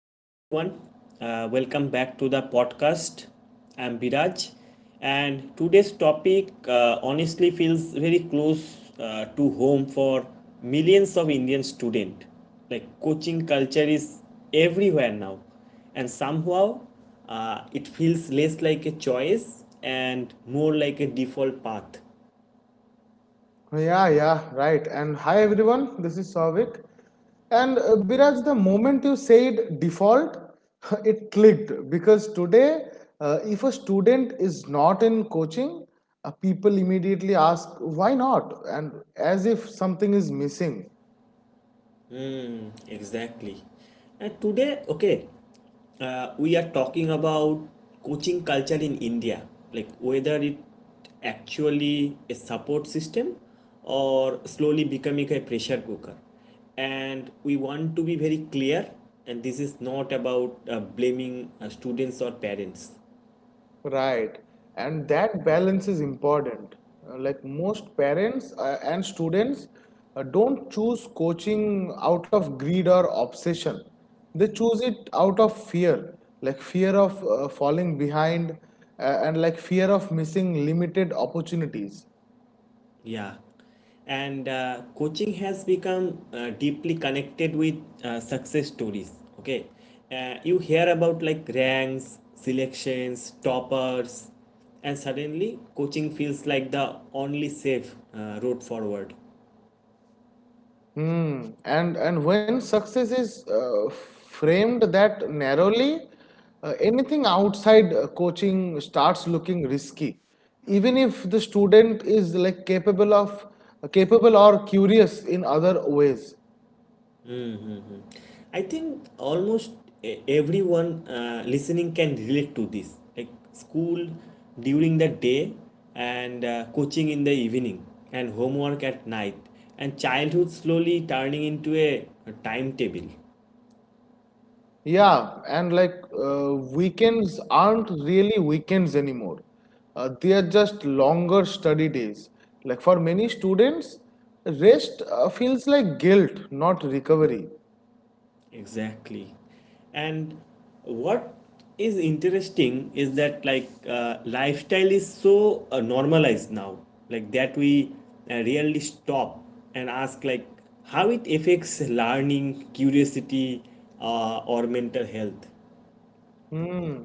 Hello, everyone. Welcome back to the podcast. I'm Biraj, and today's topic honestly feels very close to home for millions of Indian students. Like coaching culture is everywhere now, and somehow it feels less like a choice and more like a default path. Yeah, yeah, right. And hi everyone, this is Savik. And Biraj, the moment you said default, it clicked because today, if a student is not in coaching, people immediately ask why not, and as if something is missing. Hmm, exactly. And today, okay, we are talking about coaching culture in India, like whether it actually a support system or slowly becoming a pressure cooker. And we want to be very clear, and this is not about blaming students or parents. Right, and that balance is important. Like most parents and students don't choose coaching out of greed or obsession. They choose it out of fear, like fear of falling behind and like fear of missing limited opportunities. Yeah. And coaching has become deeply connected with success stories. Okay. You hear about like ranks, selections, toppers, and suddenly coaching feels like the only safe road forward. Hmm. And when success is framed that narrowly, anything outside coaching starts looking risky. Even if the student is like capable or curious in other ways. I think almost everyone listening can relate to this, like school during the day and coaching in the evening and homework at night and childhood slowly turning into a timetable. Yeah, and like weekends aren't really weekends anymore. They are just longer study days. Like for many students, rest feels like guilt, not recovery. Exactly. And what is interesting is that like lifestyle is so normalized now, like that we really stop and ask like how it affects learning, curiosity, or mental health. Hmm.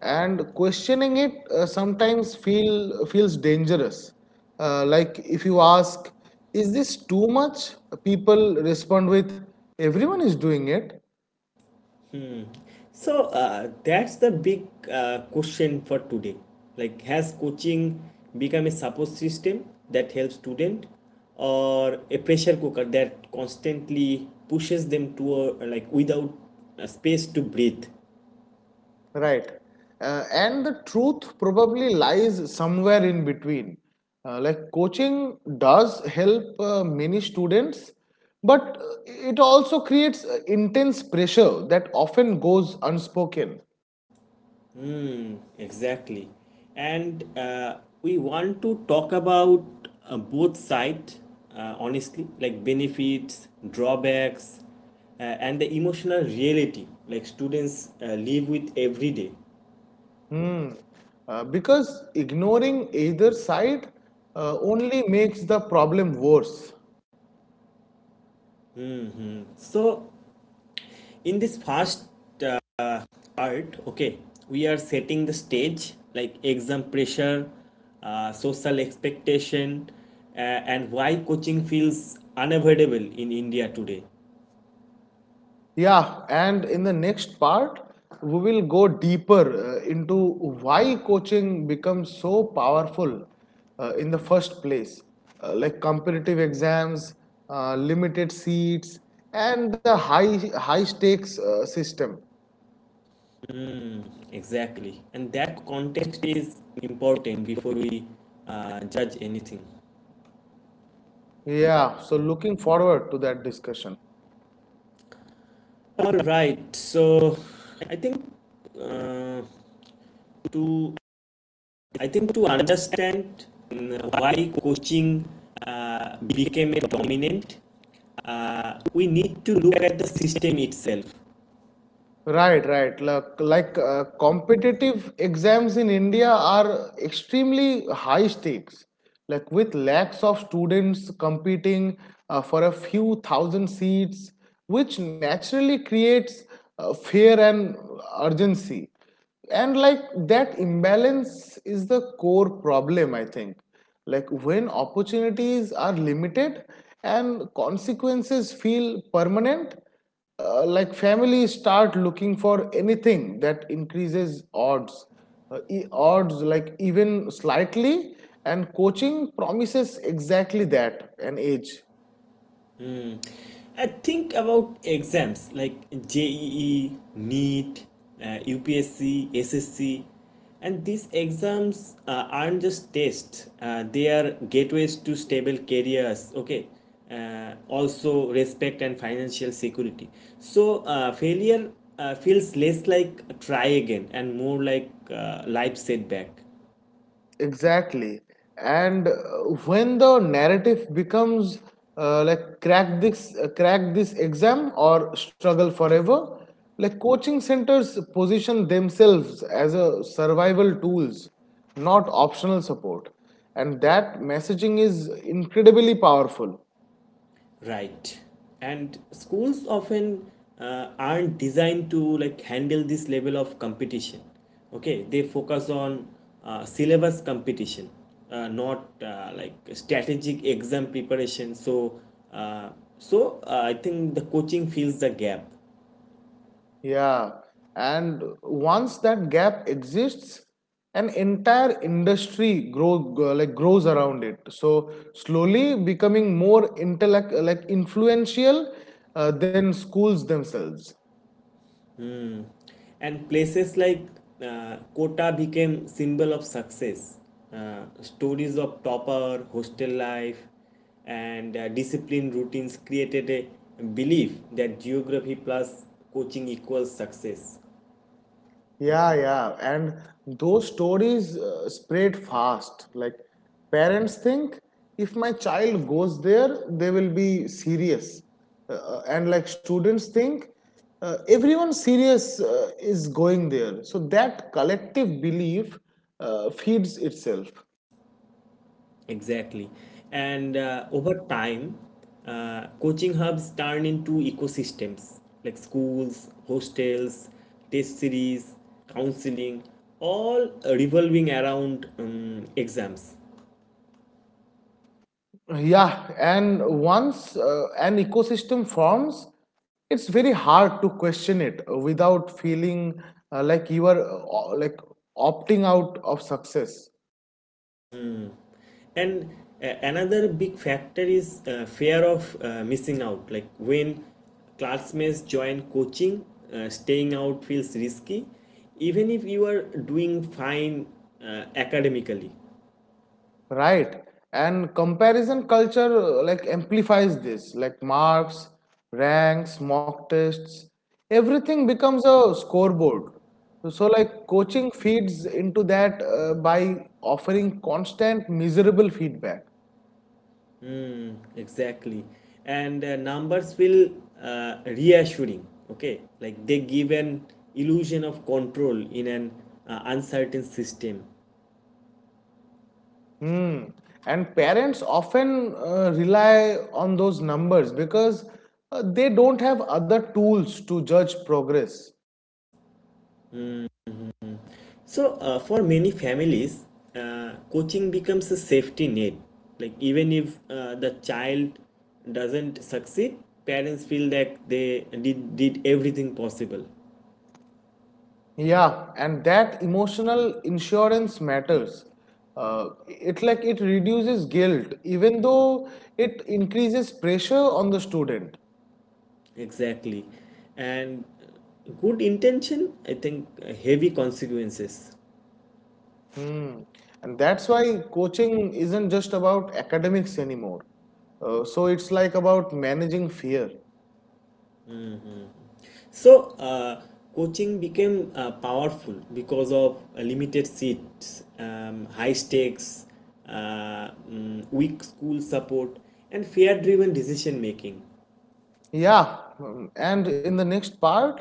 And questioning it sometimes feels dangerous. Like if you ask, "Is this too much?" People respond with, "Everyone is doing it, So that's the big question for today. Like, has coaching become a support system that helps student, or a pressure cooker that constantly pushes them to a, like without a space to breathe? right?" And the truth probably lies somewhere in between. Like coaching does help many students, but it also creates intense pressure that often goes unspoken. Exactly, and we want to talk about both sides honestly, like benefits, drawbacks, and the emotional reality like students live with every day. Hmm. Because ignoring either side only makes the problem worse. So, in this first uh, part, okay, we are setting the stage like exam pressure, social expectation, and why coaching feels unavoidable in India today. Yeah, and in the next part, we will go deeper into why coaching becomes so powerful in the first place, like competitive exams, limited seats, and the high stakes system. Exactly. And that context is important before we judge anything. Yeah, so looking forward to that discussion. All right. So, I think uh, to I think to understand why coaching became a dominant, we need to look at the system itself. Right, right. Like competitive exams in India are extremely high stakes. Like with lakhs of students competing for a few thousand seats, which naturally creates fear and urgency, and like that imbalance is the core problem, I think. Like when opportunities are limited and consequences feel permanent, like families start looking for anything that increases odds, odds like even slightly, and coaching promises exactly that, an edge. Mm. I think about exams like JEE, NEET, uh, UPSC, SSC, and these exams aren't just tests, they are gateways to stable careers. Okay. Also respect and financial security, so failure feels less like try again and more like life setback. Exactly. And when the narrative becomes like crack this exam or struggle forever, like coaching centers position themselves as a survival tools, not optional support. And that messaging is incredibly powerful. Right. And schools often aren't designed to like handle this level of competition. Okay, they focus on syllabus competition, not like strategic exam preparation. So, uh, so I think the coaching fills the gap. Yeah, and once that gap exists, an entire industry grows around it. So slowly becoming more intellect like influential than schools themselves. Hmm. And places like Kota became symbol of success. Stories of topper, hostel life, and disciplined routines created a belief that geography plus coaching equals success. Yeah, yeah. And those stories spread fast. Like parents think if my child goes there, they will be serious. And like students think everyone serious is going there. So that collective belief feeds itself. Exactly. And over time, coaching hubs turn into ecosystems like schools, hostels, test series, counseling, all revolving around exams. Yeah, and once an ecosystem forms, it's very hard to question it without feeling you are like opting out of success, And another big factor is fear of missing out. Like when classmates join coaching, staying out feels risky, even if you are doing fine academically. right? And comparison culture like amplifies this, like marks, ranks, mock tests, everything becomes a scoreboard. So, like coaching feeds into that by offering constant miserable feedback. Mm, exactly. And numbers feel reassuring, okay, like they give an illusion of control in an uncertain system. Hmm. And parents often rely on those numbers because they don't have other tools to judge progress. So for many families coaching becomes a safety net, like even if the child doesn't succeed, parents feel that they did everything possible. Yeah, and that emotional insurance matters. It like it reduces guilt, even though it increases pressure on the student. Exactly, and good intention, I think, heavy consequences. Hmm. And that's why coaching isn't just about academics anymore. So it's like about managing fear. So, coaching became powerful because of limited seats, high stakes, weak school support, and fear driven decision making. Yeah, and in the next part,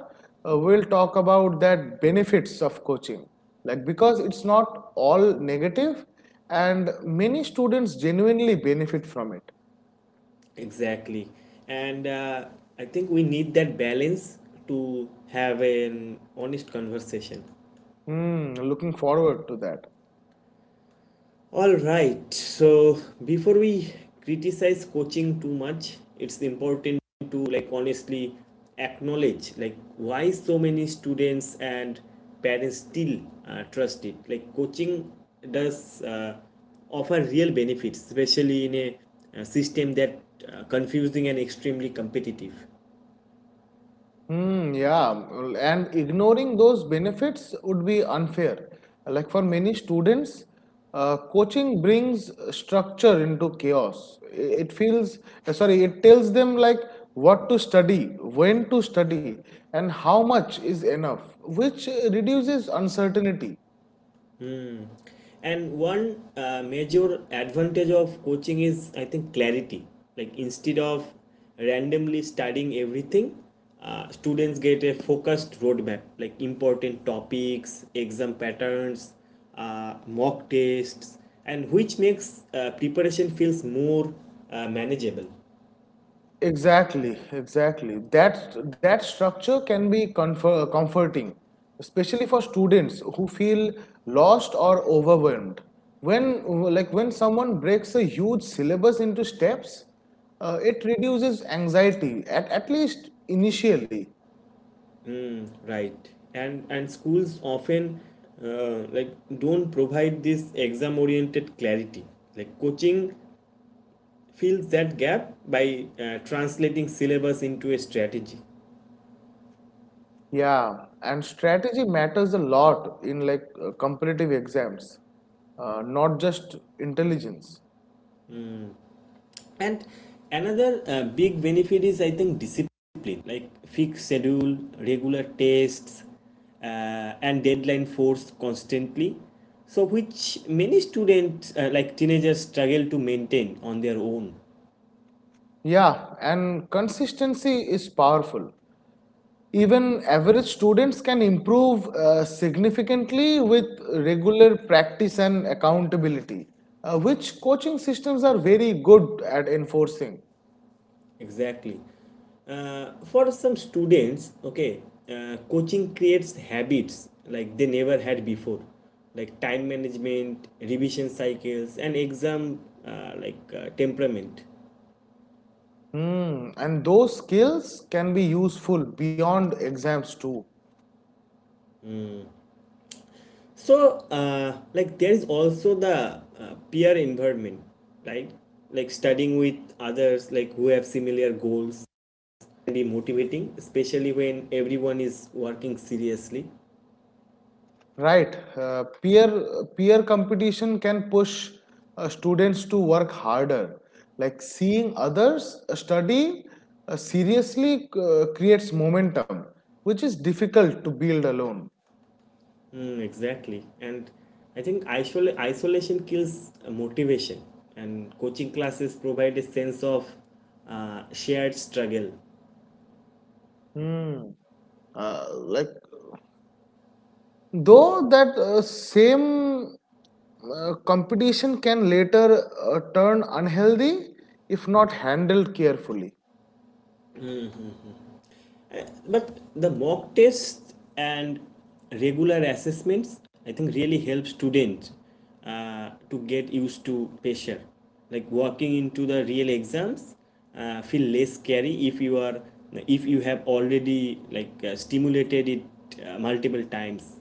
we'll talk about that benefits of coaching. Like because it's not all negative, and many students genuinely benefit from it. Exactly. And I think we need that balance to have an honest conversation. Hmm, looking forward to that. All right, so before we criticize coaching too much, it's important to like honestly acknowledge like why so many students and parents still trust it. Like coaching does offer real benefits, especially in a, system that confusing and extremely competitive. Hmm. Yeah, well, and ignoring those benefits would be unfair. Like for many students, coaching brings structure into chaos. It feels, it tells them like what to study, when to study, and how much is enough, which reduces uncertainty. And one major advantage of coaching is, I think, clarity. Like instead of randomly studying everything, students get a focused roadmap, like important topics, exam patterns, mock tests, and which makes preparation feels more manageable, Exactly, exactly. That structure can be comforting, especially for students who feel lost or overwhelmed. When when someone breaks a huge syllabus into steps, it reduces anxiety at least initially. right? And schools often like don't provide this exam oriented clarity. Like coaching fills that gap by translating syllabus into a strategy. Yeah, and strategy matters a lot in like competitive exams, not just intelligence. And another big benefit is, I think, discipline, like fixed schedule, regular tests, uh, and deadline force constantly. So, which many students, like teenagers, struggle to maintain on their own. Yeah, and consistency is powerful. Even average students can improve significantly with regular practice and accountability, which coaching systems are very good at enforcing. Exactly. For some students, okay, coaching creates habits like they never had before, like time management, revision cycles, and exam temperament. Hmm, and those skills can be useful beyond exams too. So, like there is also the peer environment, right? Like studying with others, like who have similar goals, can be motivating, especially when everyone is working seriously. Right, peer competition can push students to work harder. Like seeing others study seriously creates momentum, which is difficult to build alone. Mm, exactly. And I think isolation kills motivation, and coaching classes provide a sense of shared struggle. Hmm. Like though that same competition can later turn unhealthy if not handled carefully. Uh, But the mock tests and regular assessments, I think, really help students to get used to pressure. Like walking into the real exams, feel less scary if you have already like stimulated it multiple times.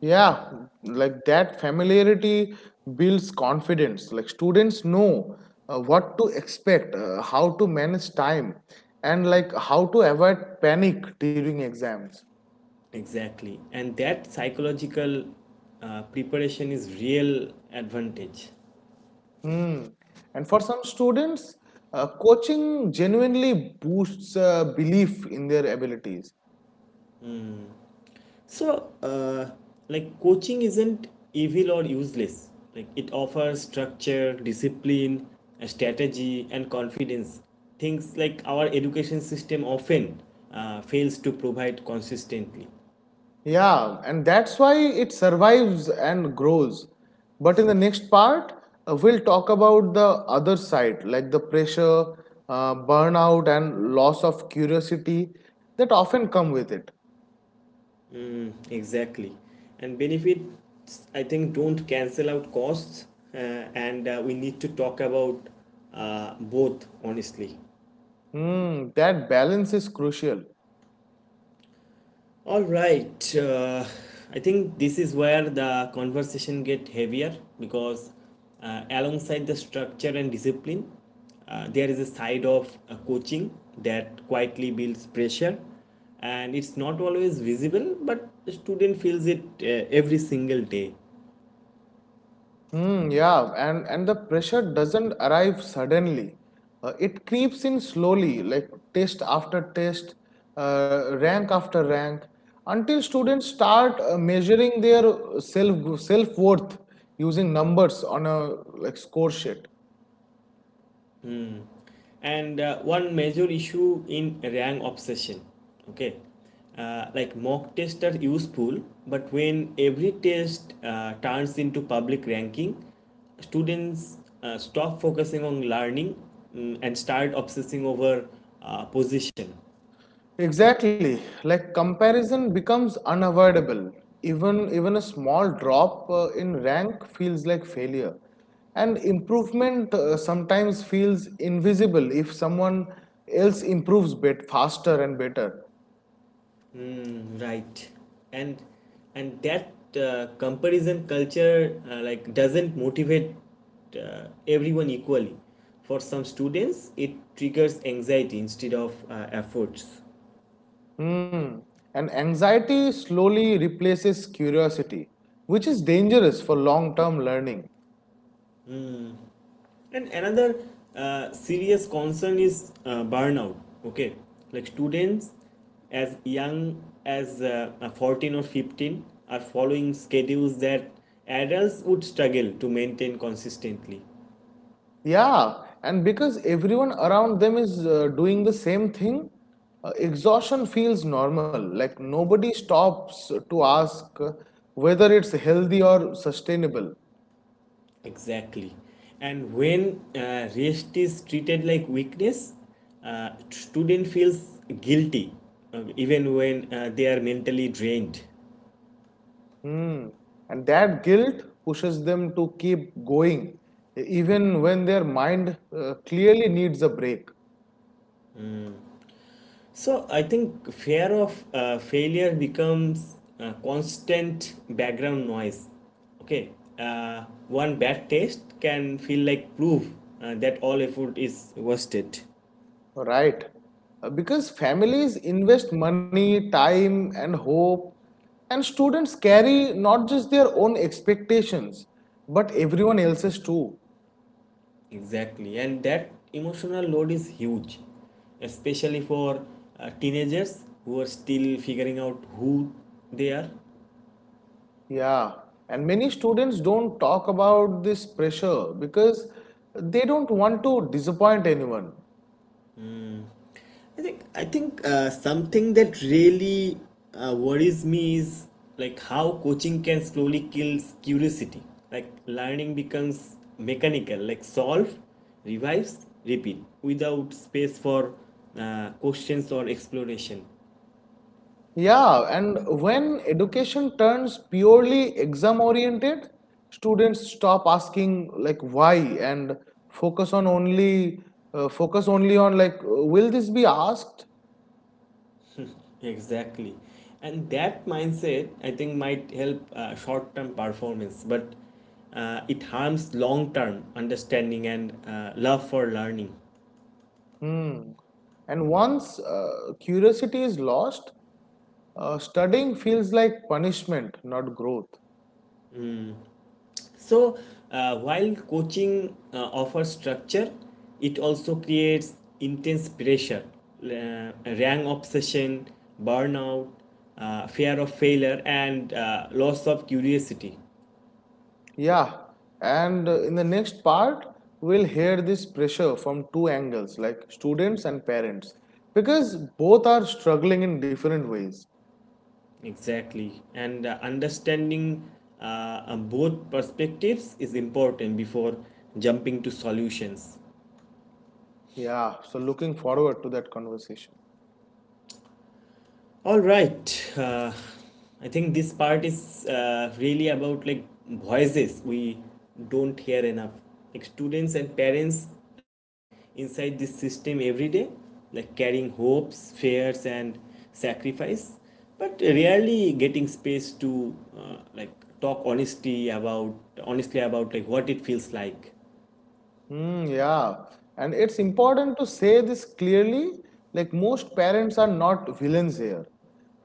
Yeah, like that familiarity builds confidence. Like students know what to expect, how to manage time, and like how to avoid panic during exams. Exactly. And that psychological preparation is real advantage. Hmm. And for some students, coaching genuinely boosts belief in their abilities. So, like coaching isn't evil or useless. Like it offers structure, discipline, a strategy, and confidence. Things like our education system often fails to provide consistently. Yeah, and that's why it survives and grows. But in the next part, we'll talk about the other side, like the pressure, burnout, and loss of curiosity that often come with it. Exactly. And benefits, I think, don't cancel out costs. Uh, and we need to talk about both honestly. Hmm, that balance is crucial. All right. I think this is where the conversation get heavier because alongside the structure and discipline, there is a side of coaching that quietly builds pressure, and it's not always visible, but the student feels it every single day. Yeah, and the pressure doesn't arrive suddenly. It creeps in slowly, like test after test, rank after rank, until students start measuring their self worth using numbers on a like score sheet. And one major issue in rank obsession, okay, like mock tests are useful, but when every test turns into public ranking, students stop focusing on learning, and start obsessing over position. Exactly. Like comparison becomes unavoidable. Even a small drop in rank feels like failure. And improvement sometimes feels invisible if someone else improves bit faster and better. Mm, right. And that comparison culture like doesn't motivate everyone equally. For some students, it triggers anxiety instead of efforts. Hmm. And anxiety slowly replaces curiosity, which is dangerous for long-term learning. And another serious concern is burnout. Okay, like students as young as 14 or 15 are following schedules that adults would struggle to maintain consistently. Yeah, and because everyone around them is doing the same thing, exhaustion feels normal. Like nobody stops to ask whether it's healthy or sustainable. Exactly. And when rest is treated like weakness, student feels guilty even when they are mentally drained. Hmm. And that guilt pushes them to keep going, even when their mind clearly needs a break. So I think fear of failure becomes constant background noise. Okay, one bad test can feel like proof that all effort is wasted. Right. Because families invest money, time, and hope, and students carry not just their own expectations, but everyone else's too. Exactly, and that emotional load is huge, especially for teenagers who are still figuring out who they are. Yeah. And many students don't talk about this pressure because they don't want to disappoint anyone. I think something that really worries me is like how coaching can slowly kill curiosity. Like learning becomes mechanical, like solve, revise, repeat, without space for questions or exploration. Yeah, and when education turns purely exam oriented, students stop asking like why and focus on only focus only on like will this be asked? Exactly. And that mindset, I think, might help short term performance, but it harms long term understanding and love for learning. Hmm. And once curiosity is lost, studying feels like punishment, not growth. So, while coaching offers structure, it also creates intense pressure, rank obsession, burnout, fear of failure, and loss of curiosity. Yeah, and in the next part, we'll hear this pressure from two angles like students and parents because both are struggling in different ways. Exactly. And understanding both perspectives is important before jumping to solutions. Yeah, so looking forward to that conversation. All right. I think this part is really about like voices we don't hear enough. Like students and parents live inside this system every day, like carrying hopes, fears, and sacrifice, but rarely getting space to like talk honesty about honestly about like what it feels like. Hmm. Yeah, and it's important to say this clearly like most parents are not villains here.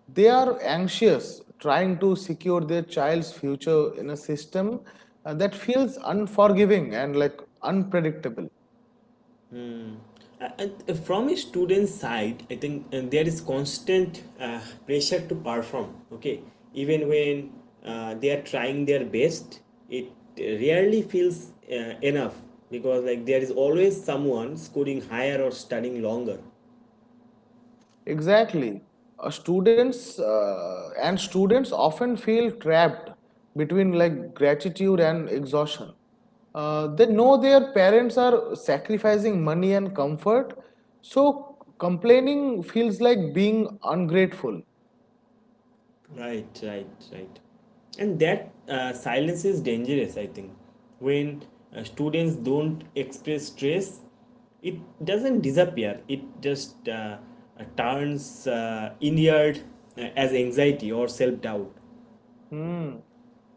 They are anxious trying to secure their child's future in a system that feels unforgiving and like unpredictable. From a student's side, I think there is constant uh, pressure to perform, okay, even when they are trying their best, it rarely feels enough because like there is always someone scoring higher or studying longer. Exactly. Students often feel trapped between like gratitude and exhaustion. They know their parents are sacrificing money and comfort, so complaining feels like being ungrateful. Right. And that silence is dangerous, I think. When students don't express stress, it doesn't disappear, it just turns inward as anxiety or self doubt. Hmm.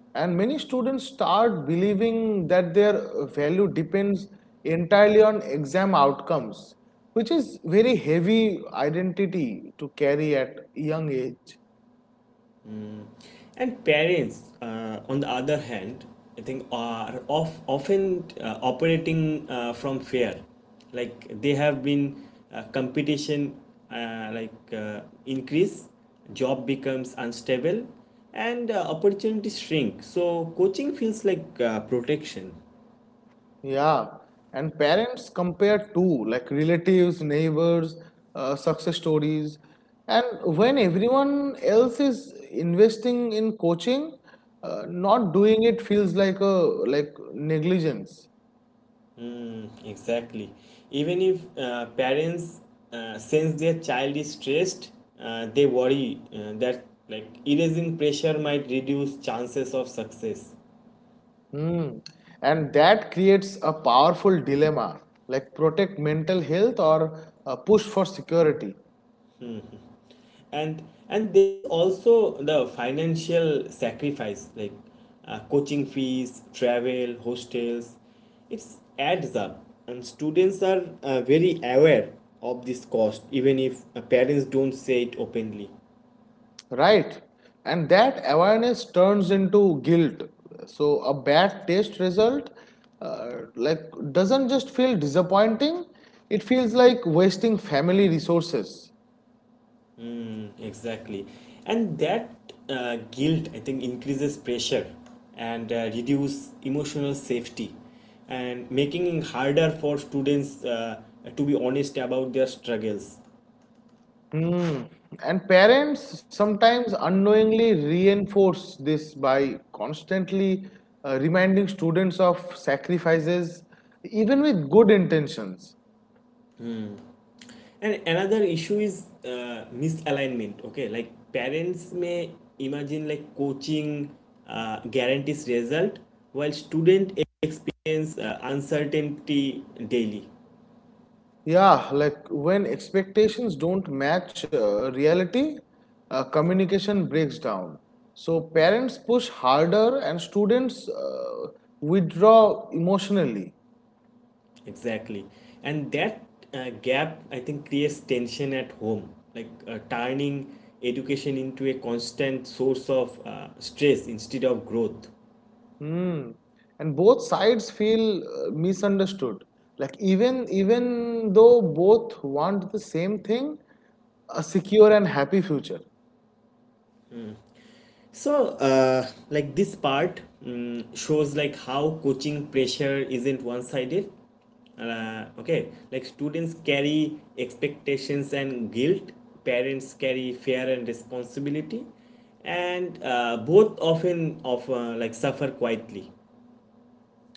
And many students start believing that their value depends entirely on exam outcomes, which is very heavy identity to carry at young age. And parents, on the other hand, I think are often operating from fear. Like they have been competition increase, job becomes unstable, and opportunities shrink. So coaching feels like protection. Yeah, and parents compare too, like relatives, neighbors, success stories. And when everyone else is investing in coaching, not doing it feels like a like negligence. Mm, exactly. Even if parents sense their child is stressed, they worry that like erasing pressure might reduce chances of success. Hmm. And that creates a powerful dilemma, like protect mental health or push for security. And there is also the financial sacrifice, like coaching fees, travel, hostels. It adds up, and students are very aware of this cost, even if parents don't say it openly. Right. And that awareness turns into guilt. So a bad taste result uh, like doesn't just feel disappointing, it feels like wasting family resources. Mm, exactly. And that guilt, I think, increases pressure and reduce emotional safety and making it harder for students to be honest about their struggles. Hmm. And parents sometimes unknowingly reinforce this by constantly reminding students of sacrifices, even with good intentions. Hmm. And another issue is misalignment. Okay, like parents may imagine like coaching guarantees result while student experience uncertainty daily. Yeah, like when expectations don't match reality, communication breaks down. So parents push harder and students withdraw emotionally. Exactly. And that gap, I think, creates tension at home, like turning education into a constant source of stress instead of growth. Hmm. And both sides feel misunderstood. Like even though both want the same thing, a secure and happy future. So, like this part shows like how coaching pressure isn't one-sided. Okay, like students carry expectations and guilt, parents carry fear and responsibility, and both often of like suffer quietly.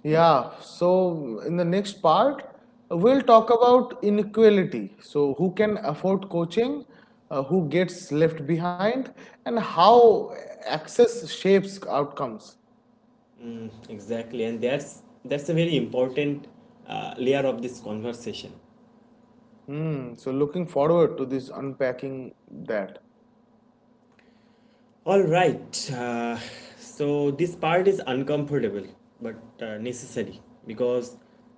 Yeah, so in the next part, we'll talk about inequality. So, who can afford coaching, who gets left behind, and how access shapes outcomes. Exactly, and that's a very important layer of this conversation. Hmm, so, looking forward to this unpacking that. All right. So this part is uncomfortable but necessary because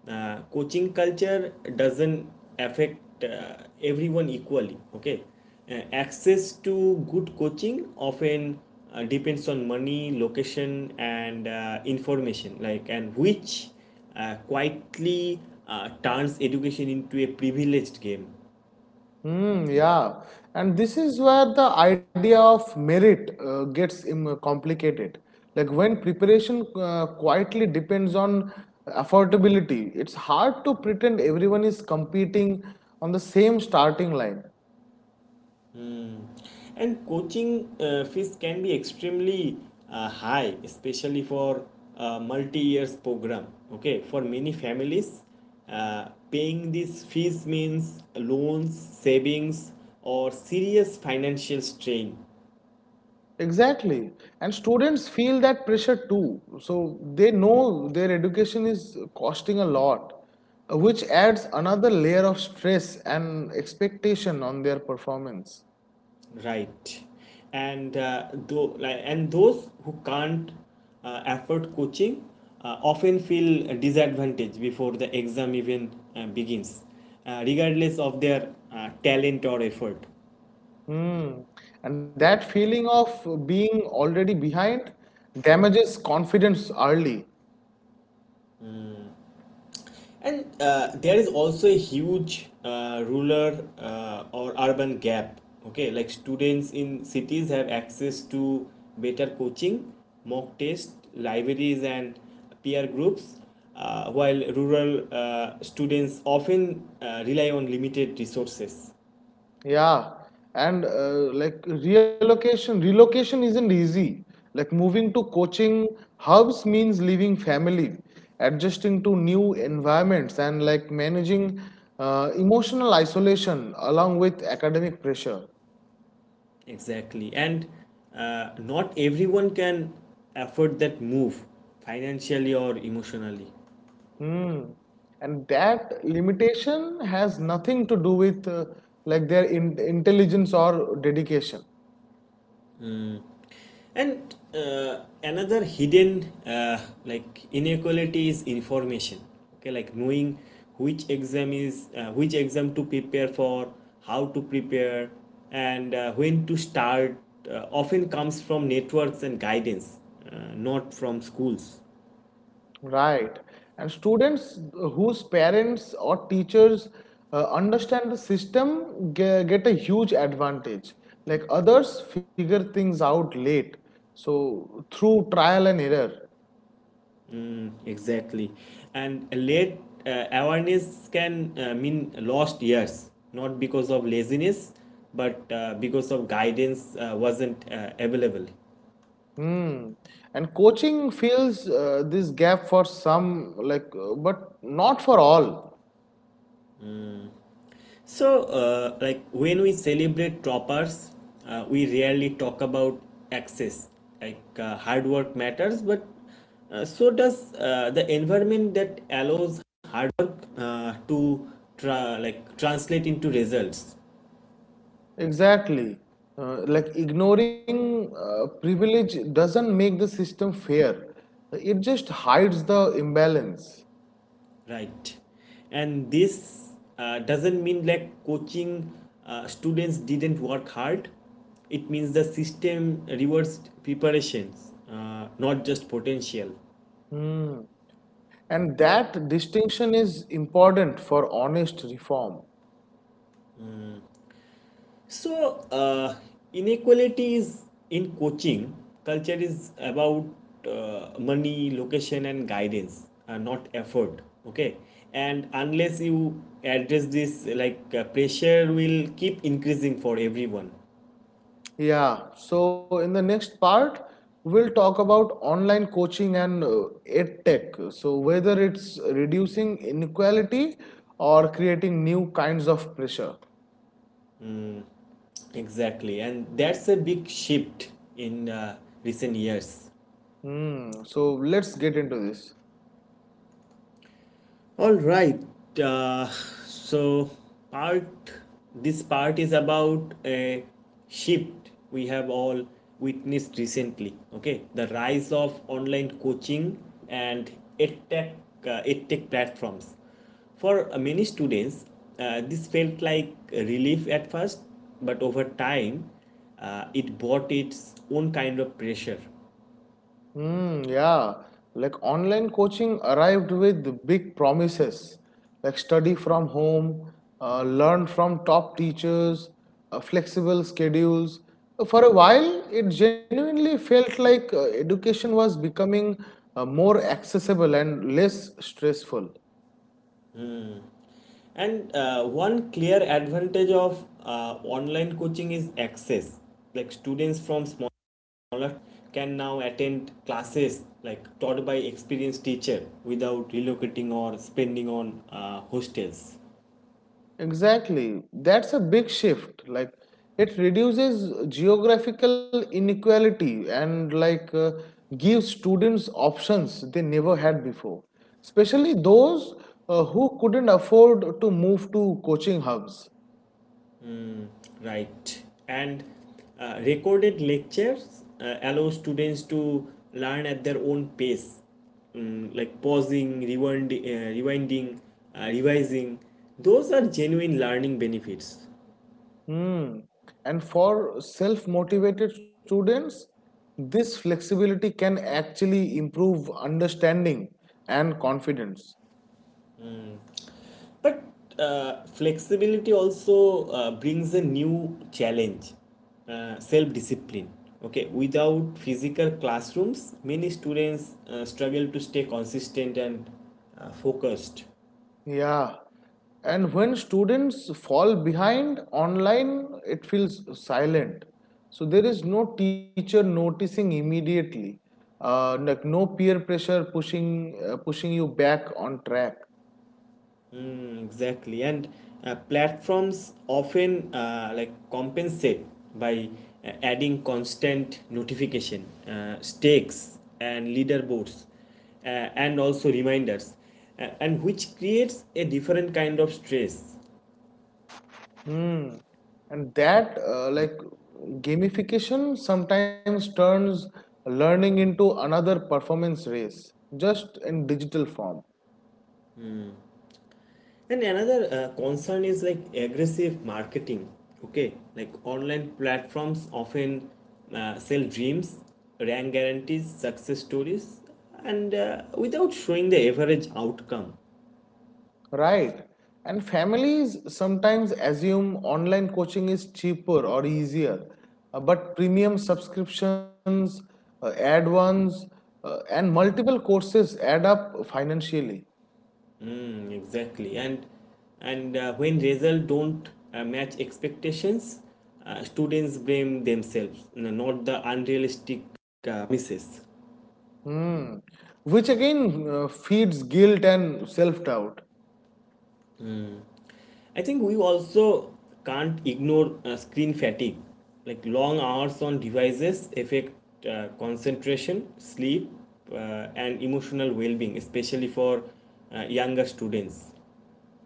coaching culture doesn't affect everyone equally. Okay. Access to good coaching often depends on money, location, and information. Like and which quietly turns education into a privileged game. Hmm. Yeah, and this is where the idea of merit gets complicated. Like when preparation quietly depends on affordability, it's hard to pretend everyone is competing on the same starting line. Mm. And coaching fees can be extremely high, especially for multi years program. Okay, for many families, paying these fees means loans, savings, or serious financial strain. Exactly, and students feel that pressure too. So they know their education is costing a lot, which adds another layer of stress and expectation on their performance. Right, and though like and those who can't afford coaching often feel disadvantaged before the exam even begins, regardless of their talent or effort. Hmm, and that feeling of being already behind damages confidence early. And there is also a huge rural or urban gap. Okay, like students in cities have access to better coaching, mock tests, libraries, and peer groups, while rural students often rely on limited resources. Yeah. And relocation isn't easy. Like moving to coaching hubs means leaving family, adjusting to new environments, and like managing emotional isolation along with academic pressure. Exactly. And not everyone can afford that move financially or emotionally. Hmm, and that limitation has nothing to do with like their in intelligence or dedication, And another hidden like inequality is information. Okay, like knowing which exam to prepare for, how to prepare, and when to start, often comes from networks and guidance, not from schools. right? And students whose parents or teachers understand the system get a huge advantage. Like others figure things out late, so through trial and error. Exactly, and late awareness can mean lost years, not because of laziness, but because of guidance wasn't available. Hmm, and coaching fills this gap for some, like, but not for all. So, like when we celebrate toppers, we rarely talk about access. Like hard work matters, but so does the environment that allows hard work to translate into results, Exactly. Like ignoring privilege doesn't make the system fair. It just hides the imbalance. right? And this doesn't mean like coaching students didn't work hard. It means the system rewards preparations, not just potential. Hmm. And that distinction is important for honest reform. So, inequality is in coaching culture is about money, location, and guidance, not effort. Okay, and unless you address this, like pressure will keep increasing for everyone. Yeah. So in the next part, we'll talk about online coaching and ed tech. So whether it's reducing inequality or creating new kinds of pressure. Exactly, and that's a big shift in recent years. Hmm. So let's get into this. All right. Uh, so part this part is about a shift we have all witnessed recently. Okay, the rise of online coaching and edtech edtech platforms. For many students, this felt like relief at first, but over time, it brought its own kind of pressure. Yeah, like online coaching arrived with big promises, like study from home, learn from top teachers, flexible schedules. For a while, it genuinely felt like education was becoming more accessible and less stressful. And one clear advantage of online coaching is access. Like students from smaller can now attend classes like taught by experienced teacher without relocating or spending on hostels, Exactly. That's a big shift. Like it reduces geographical inequality and like gives students options they never had before, especially those who couldn't afford to move to coaching hubs. right? And recorded lectures allow students to learn at their own pace, like pausing, rewinding, revising. Those are genuine learning benefits. Hmm. And for self-motivated students, this flexibility can actually improve understanding and confidence. But flexibility also brings a new challenge, self discipline. Okay, without physical classrooms, many students struggle to stay consistent and focused. Yeah. And when students fall behind online, it feels silent. So there is no teacher noticing immediately. Like no peer pressure pushing you back on track. Exactly, and platforms often like compensate by adding constant notification, stakes, and leaderboards, uh, and also reminders, and which creates a different kind of stress. Hmm. And that gamification sometimes turns learning into another performance race, just in digital form. And another concern is like aggressive marketing. Okay, like online platforms often sell dreams, rank guarantees, success stories, and without showing the average outcome. Right. And families sometimes assume online coaching is cheaper or easier, but premium subscriptions, add ons, and multiple courses add up financially. Exactly. And when results don't match expectations, students blame themselves, not the unrealistic misses. Hmm. Which again feeds guilt and self doubt. I think we also can't ignore screen fatigue. Like long hours on devices affect concentration, sleep, and emotional well-being, especially for younger students.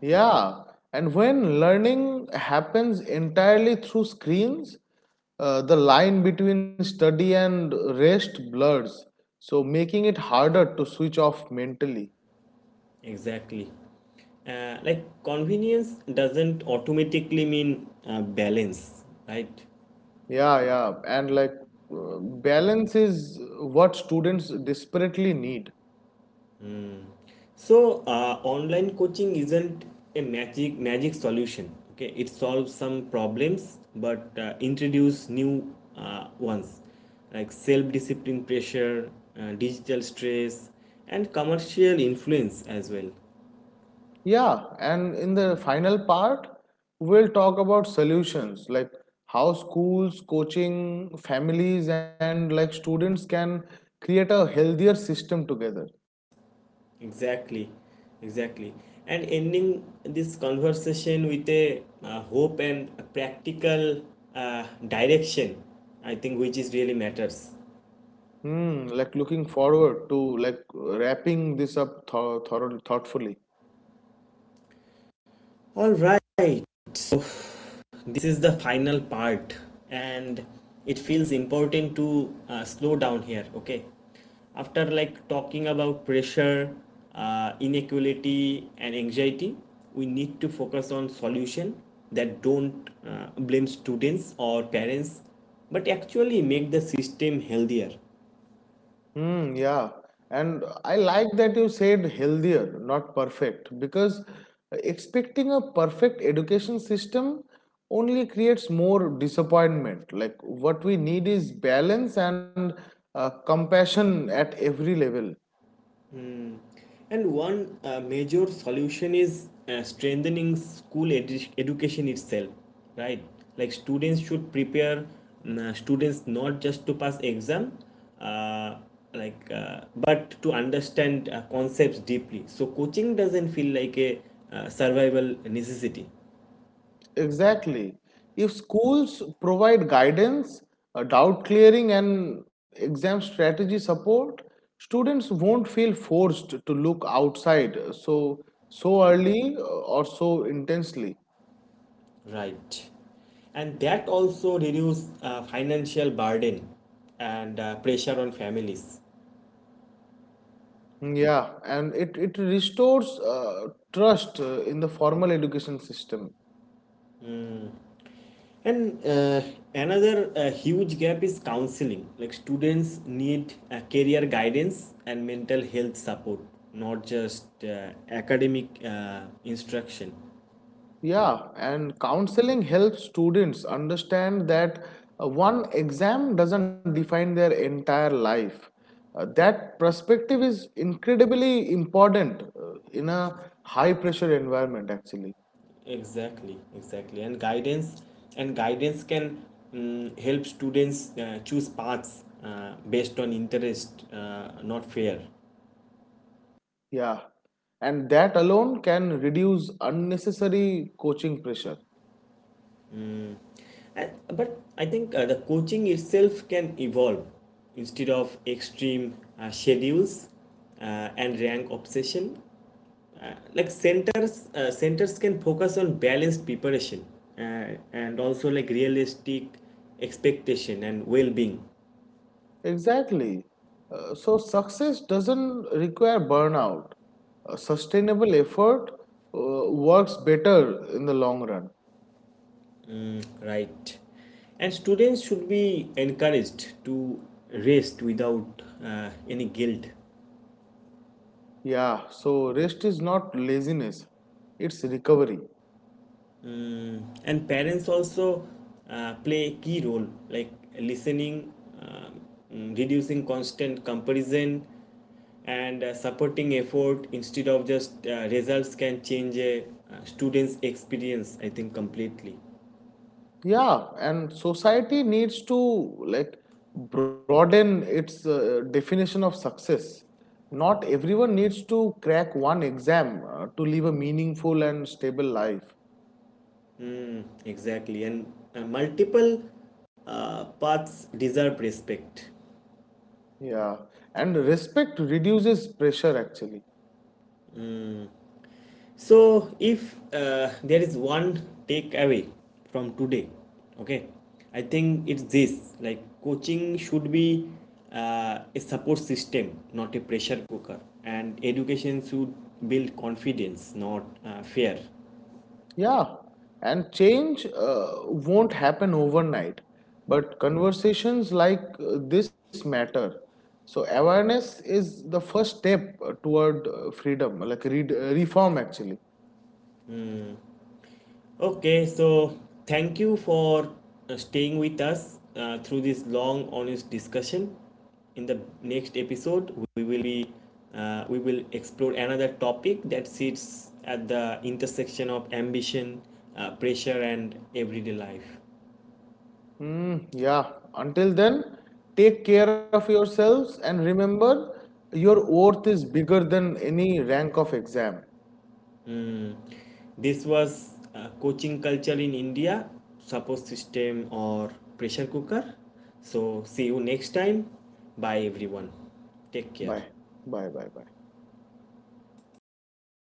Yeah, and when learning happens entirely through screens, the line between study and rest blurs, so making it harder to switch off mentally. Exactly. Like convenience doesn't automatically mean balance, right? Yeah, yeah, and like balance is what students desperately need. So online coaching isn't a magic solution. Okay, it solves some problems but introduce new ones like self-discipline pressure, digital stress, and commercial influence as well. Yeah, and in the final part, we'll talk about solutions like how schools, coaching, families, and like students can create a healthier system together. Exactly, exactly. And ending this conversation with a hope and a practical direction, I think, which is really matters. Hmm, like looking forward to like wrapping this up thor thor thoughtfully. All right, so this is the final part, and it feels important to slow down here, okay? After like talking about pressure, inequality, and anxiety, we need to focus on solution that don't blame students or parents, but actually make the system healthier. Hmm, yeah. And I like that you said healthier, not perfect, because expecting a perfect education system only creates more disappointment. Like what we need is balance and compassion at every level. And one major solution is strengthening school education itself, right? Like students should prepare mm, students not just to pass exam, uh, like but to understand concepts deeply. So coaching doesn't feel like a survival necessity, Exactly. If schools provide guidance, doubt clearing, and exam strategy support, students won't feel forced to look outside so early or so intensely. right? And that also reduce financial burden and pressure on families. Yeah, and it restores trust in the formal education system. And another huge gap is counseling. Like students need career guidance and mental health support, not just academic instruction. Yeah, and counseling helps students understand that one exam doesn't define their entire life. That perspective is incredibly important in a high pressure environment, actually. Exactly. And guidance can, help students choose paths based on interest, not fear. Yeah, and that alone can reduce unnecessary coaching pressure. But I think the coaching itself can evolve instead of extreme schedules uh, and rank obsession. Like centers can focus on balanced preparation uh, and also like realistic expectation and well-being, Exactly. So, success doesn't require burnout. A sustainable effort works better in the long run. right? And students should be encouraged to rest without any guilt. Yeah, so rest is not laziness, it's recovery. And parents also play a key role like listening, um, reducing constant comparison and supporting effort instead of just results can change a student's experience, I think, completely. Yeah, and society needs to like broaden its definition of success. Not everyone needs to crack one exam to live a meaningful and stable life. Exactly, and multiple paths deserve respect. Yeah, and respect reduces pressure actually. So, if there is one takeaway from today, okay, I think it's this, like coaching should be a support system, not a pressure cooker, and education should build confidence, not fear. Yeah, and change won't happen overnight, but conversations like this matter. So awareness is the first step toward freedom, like reform actually. Okay, so thank you for staying with us through this long, honest discussion. In the next episode, we will explore another topic that sits at the intersection of ambition, pressure, and everyday life. Yeah, until then, take care of yourselves and remember your worth is bigger than any rank of exam. Hmm. This was coaching culture in India, support system or pressure cooker. So see you next time. Bye everyone. Take care. Bye. Bye, bye, bye.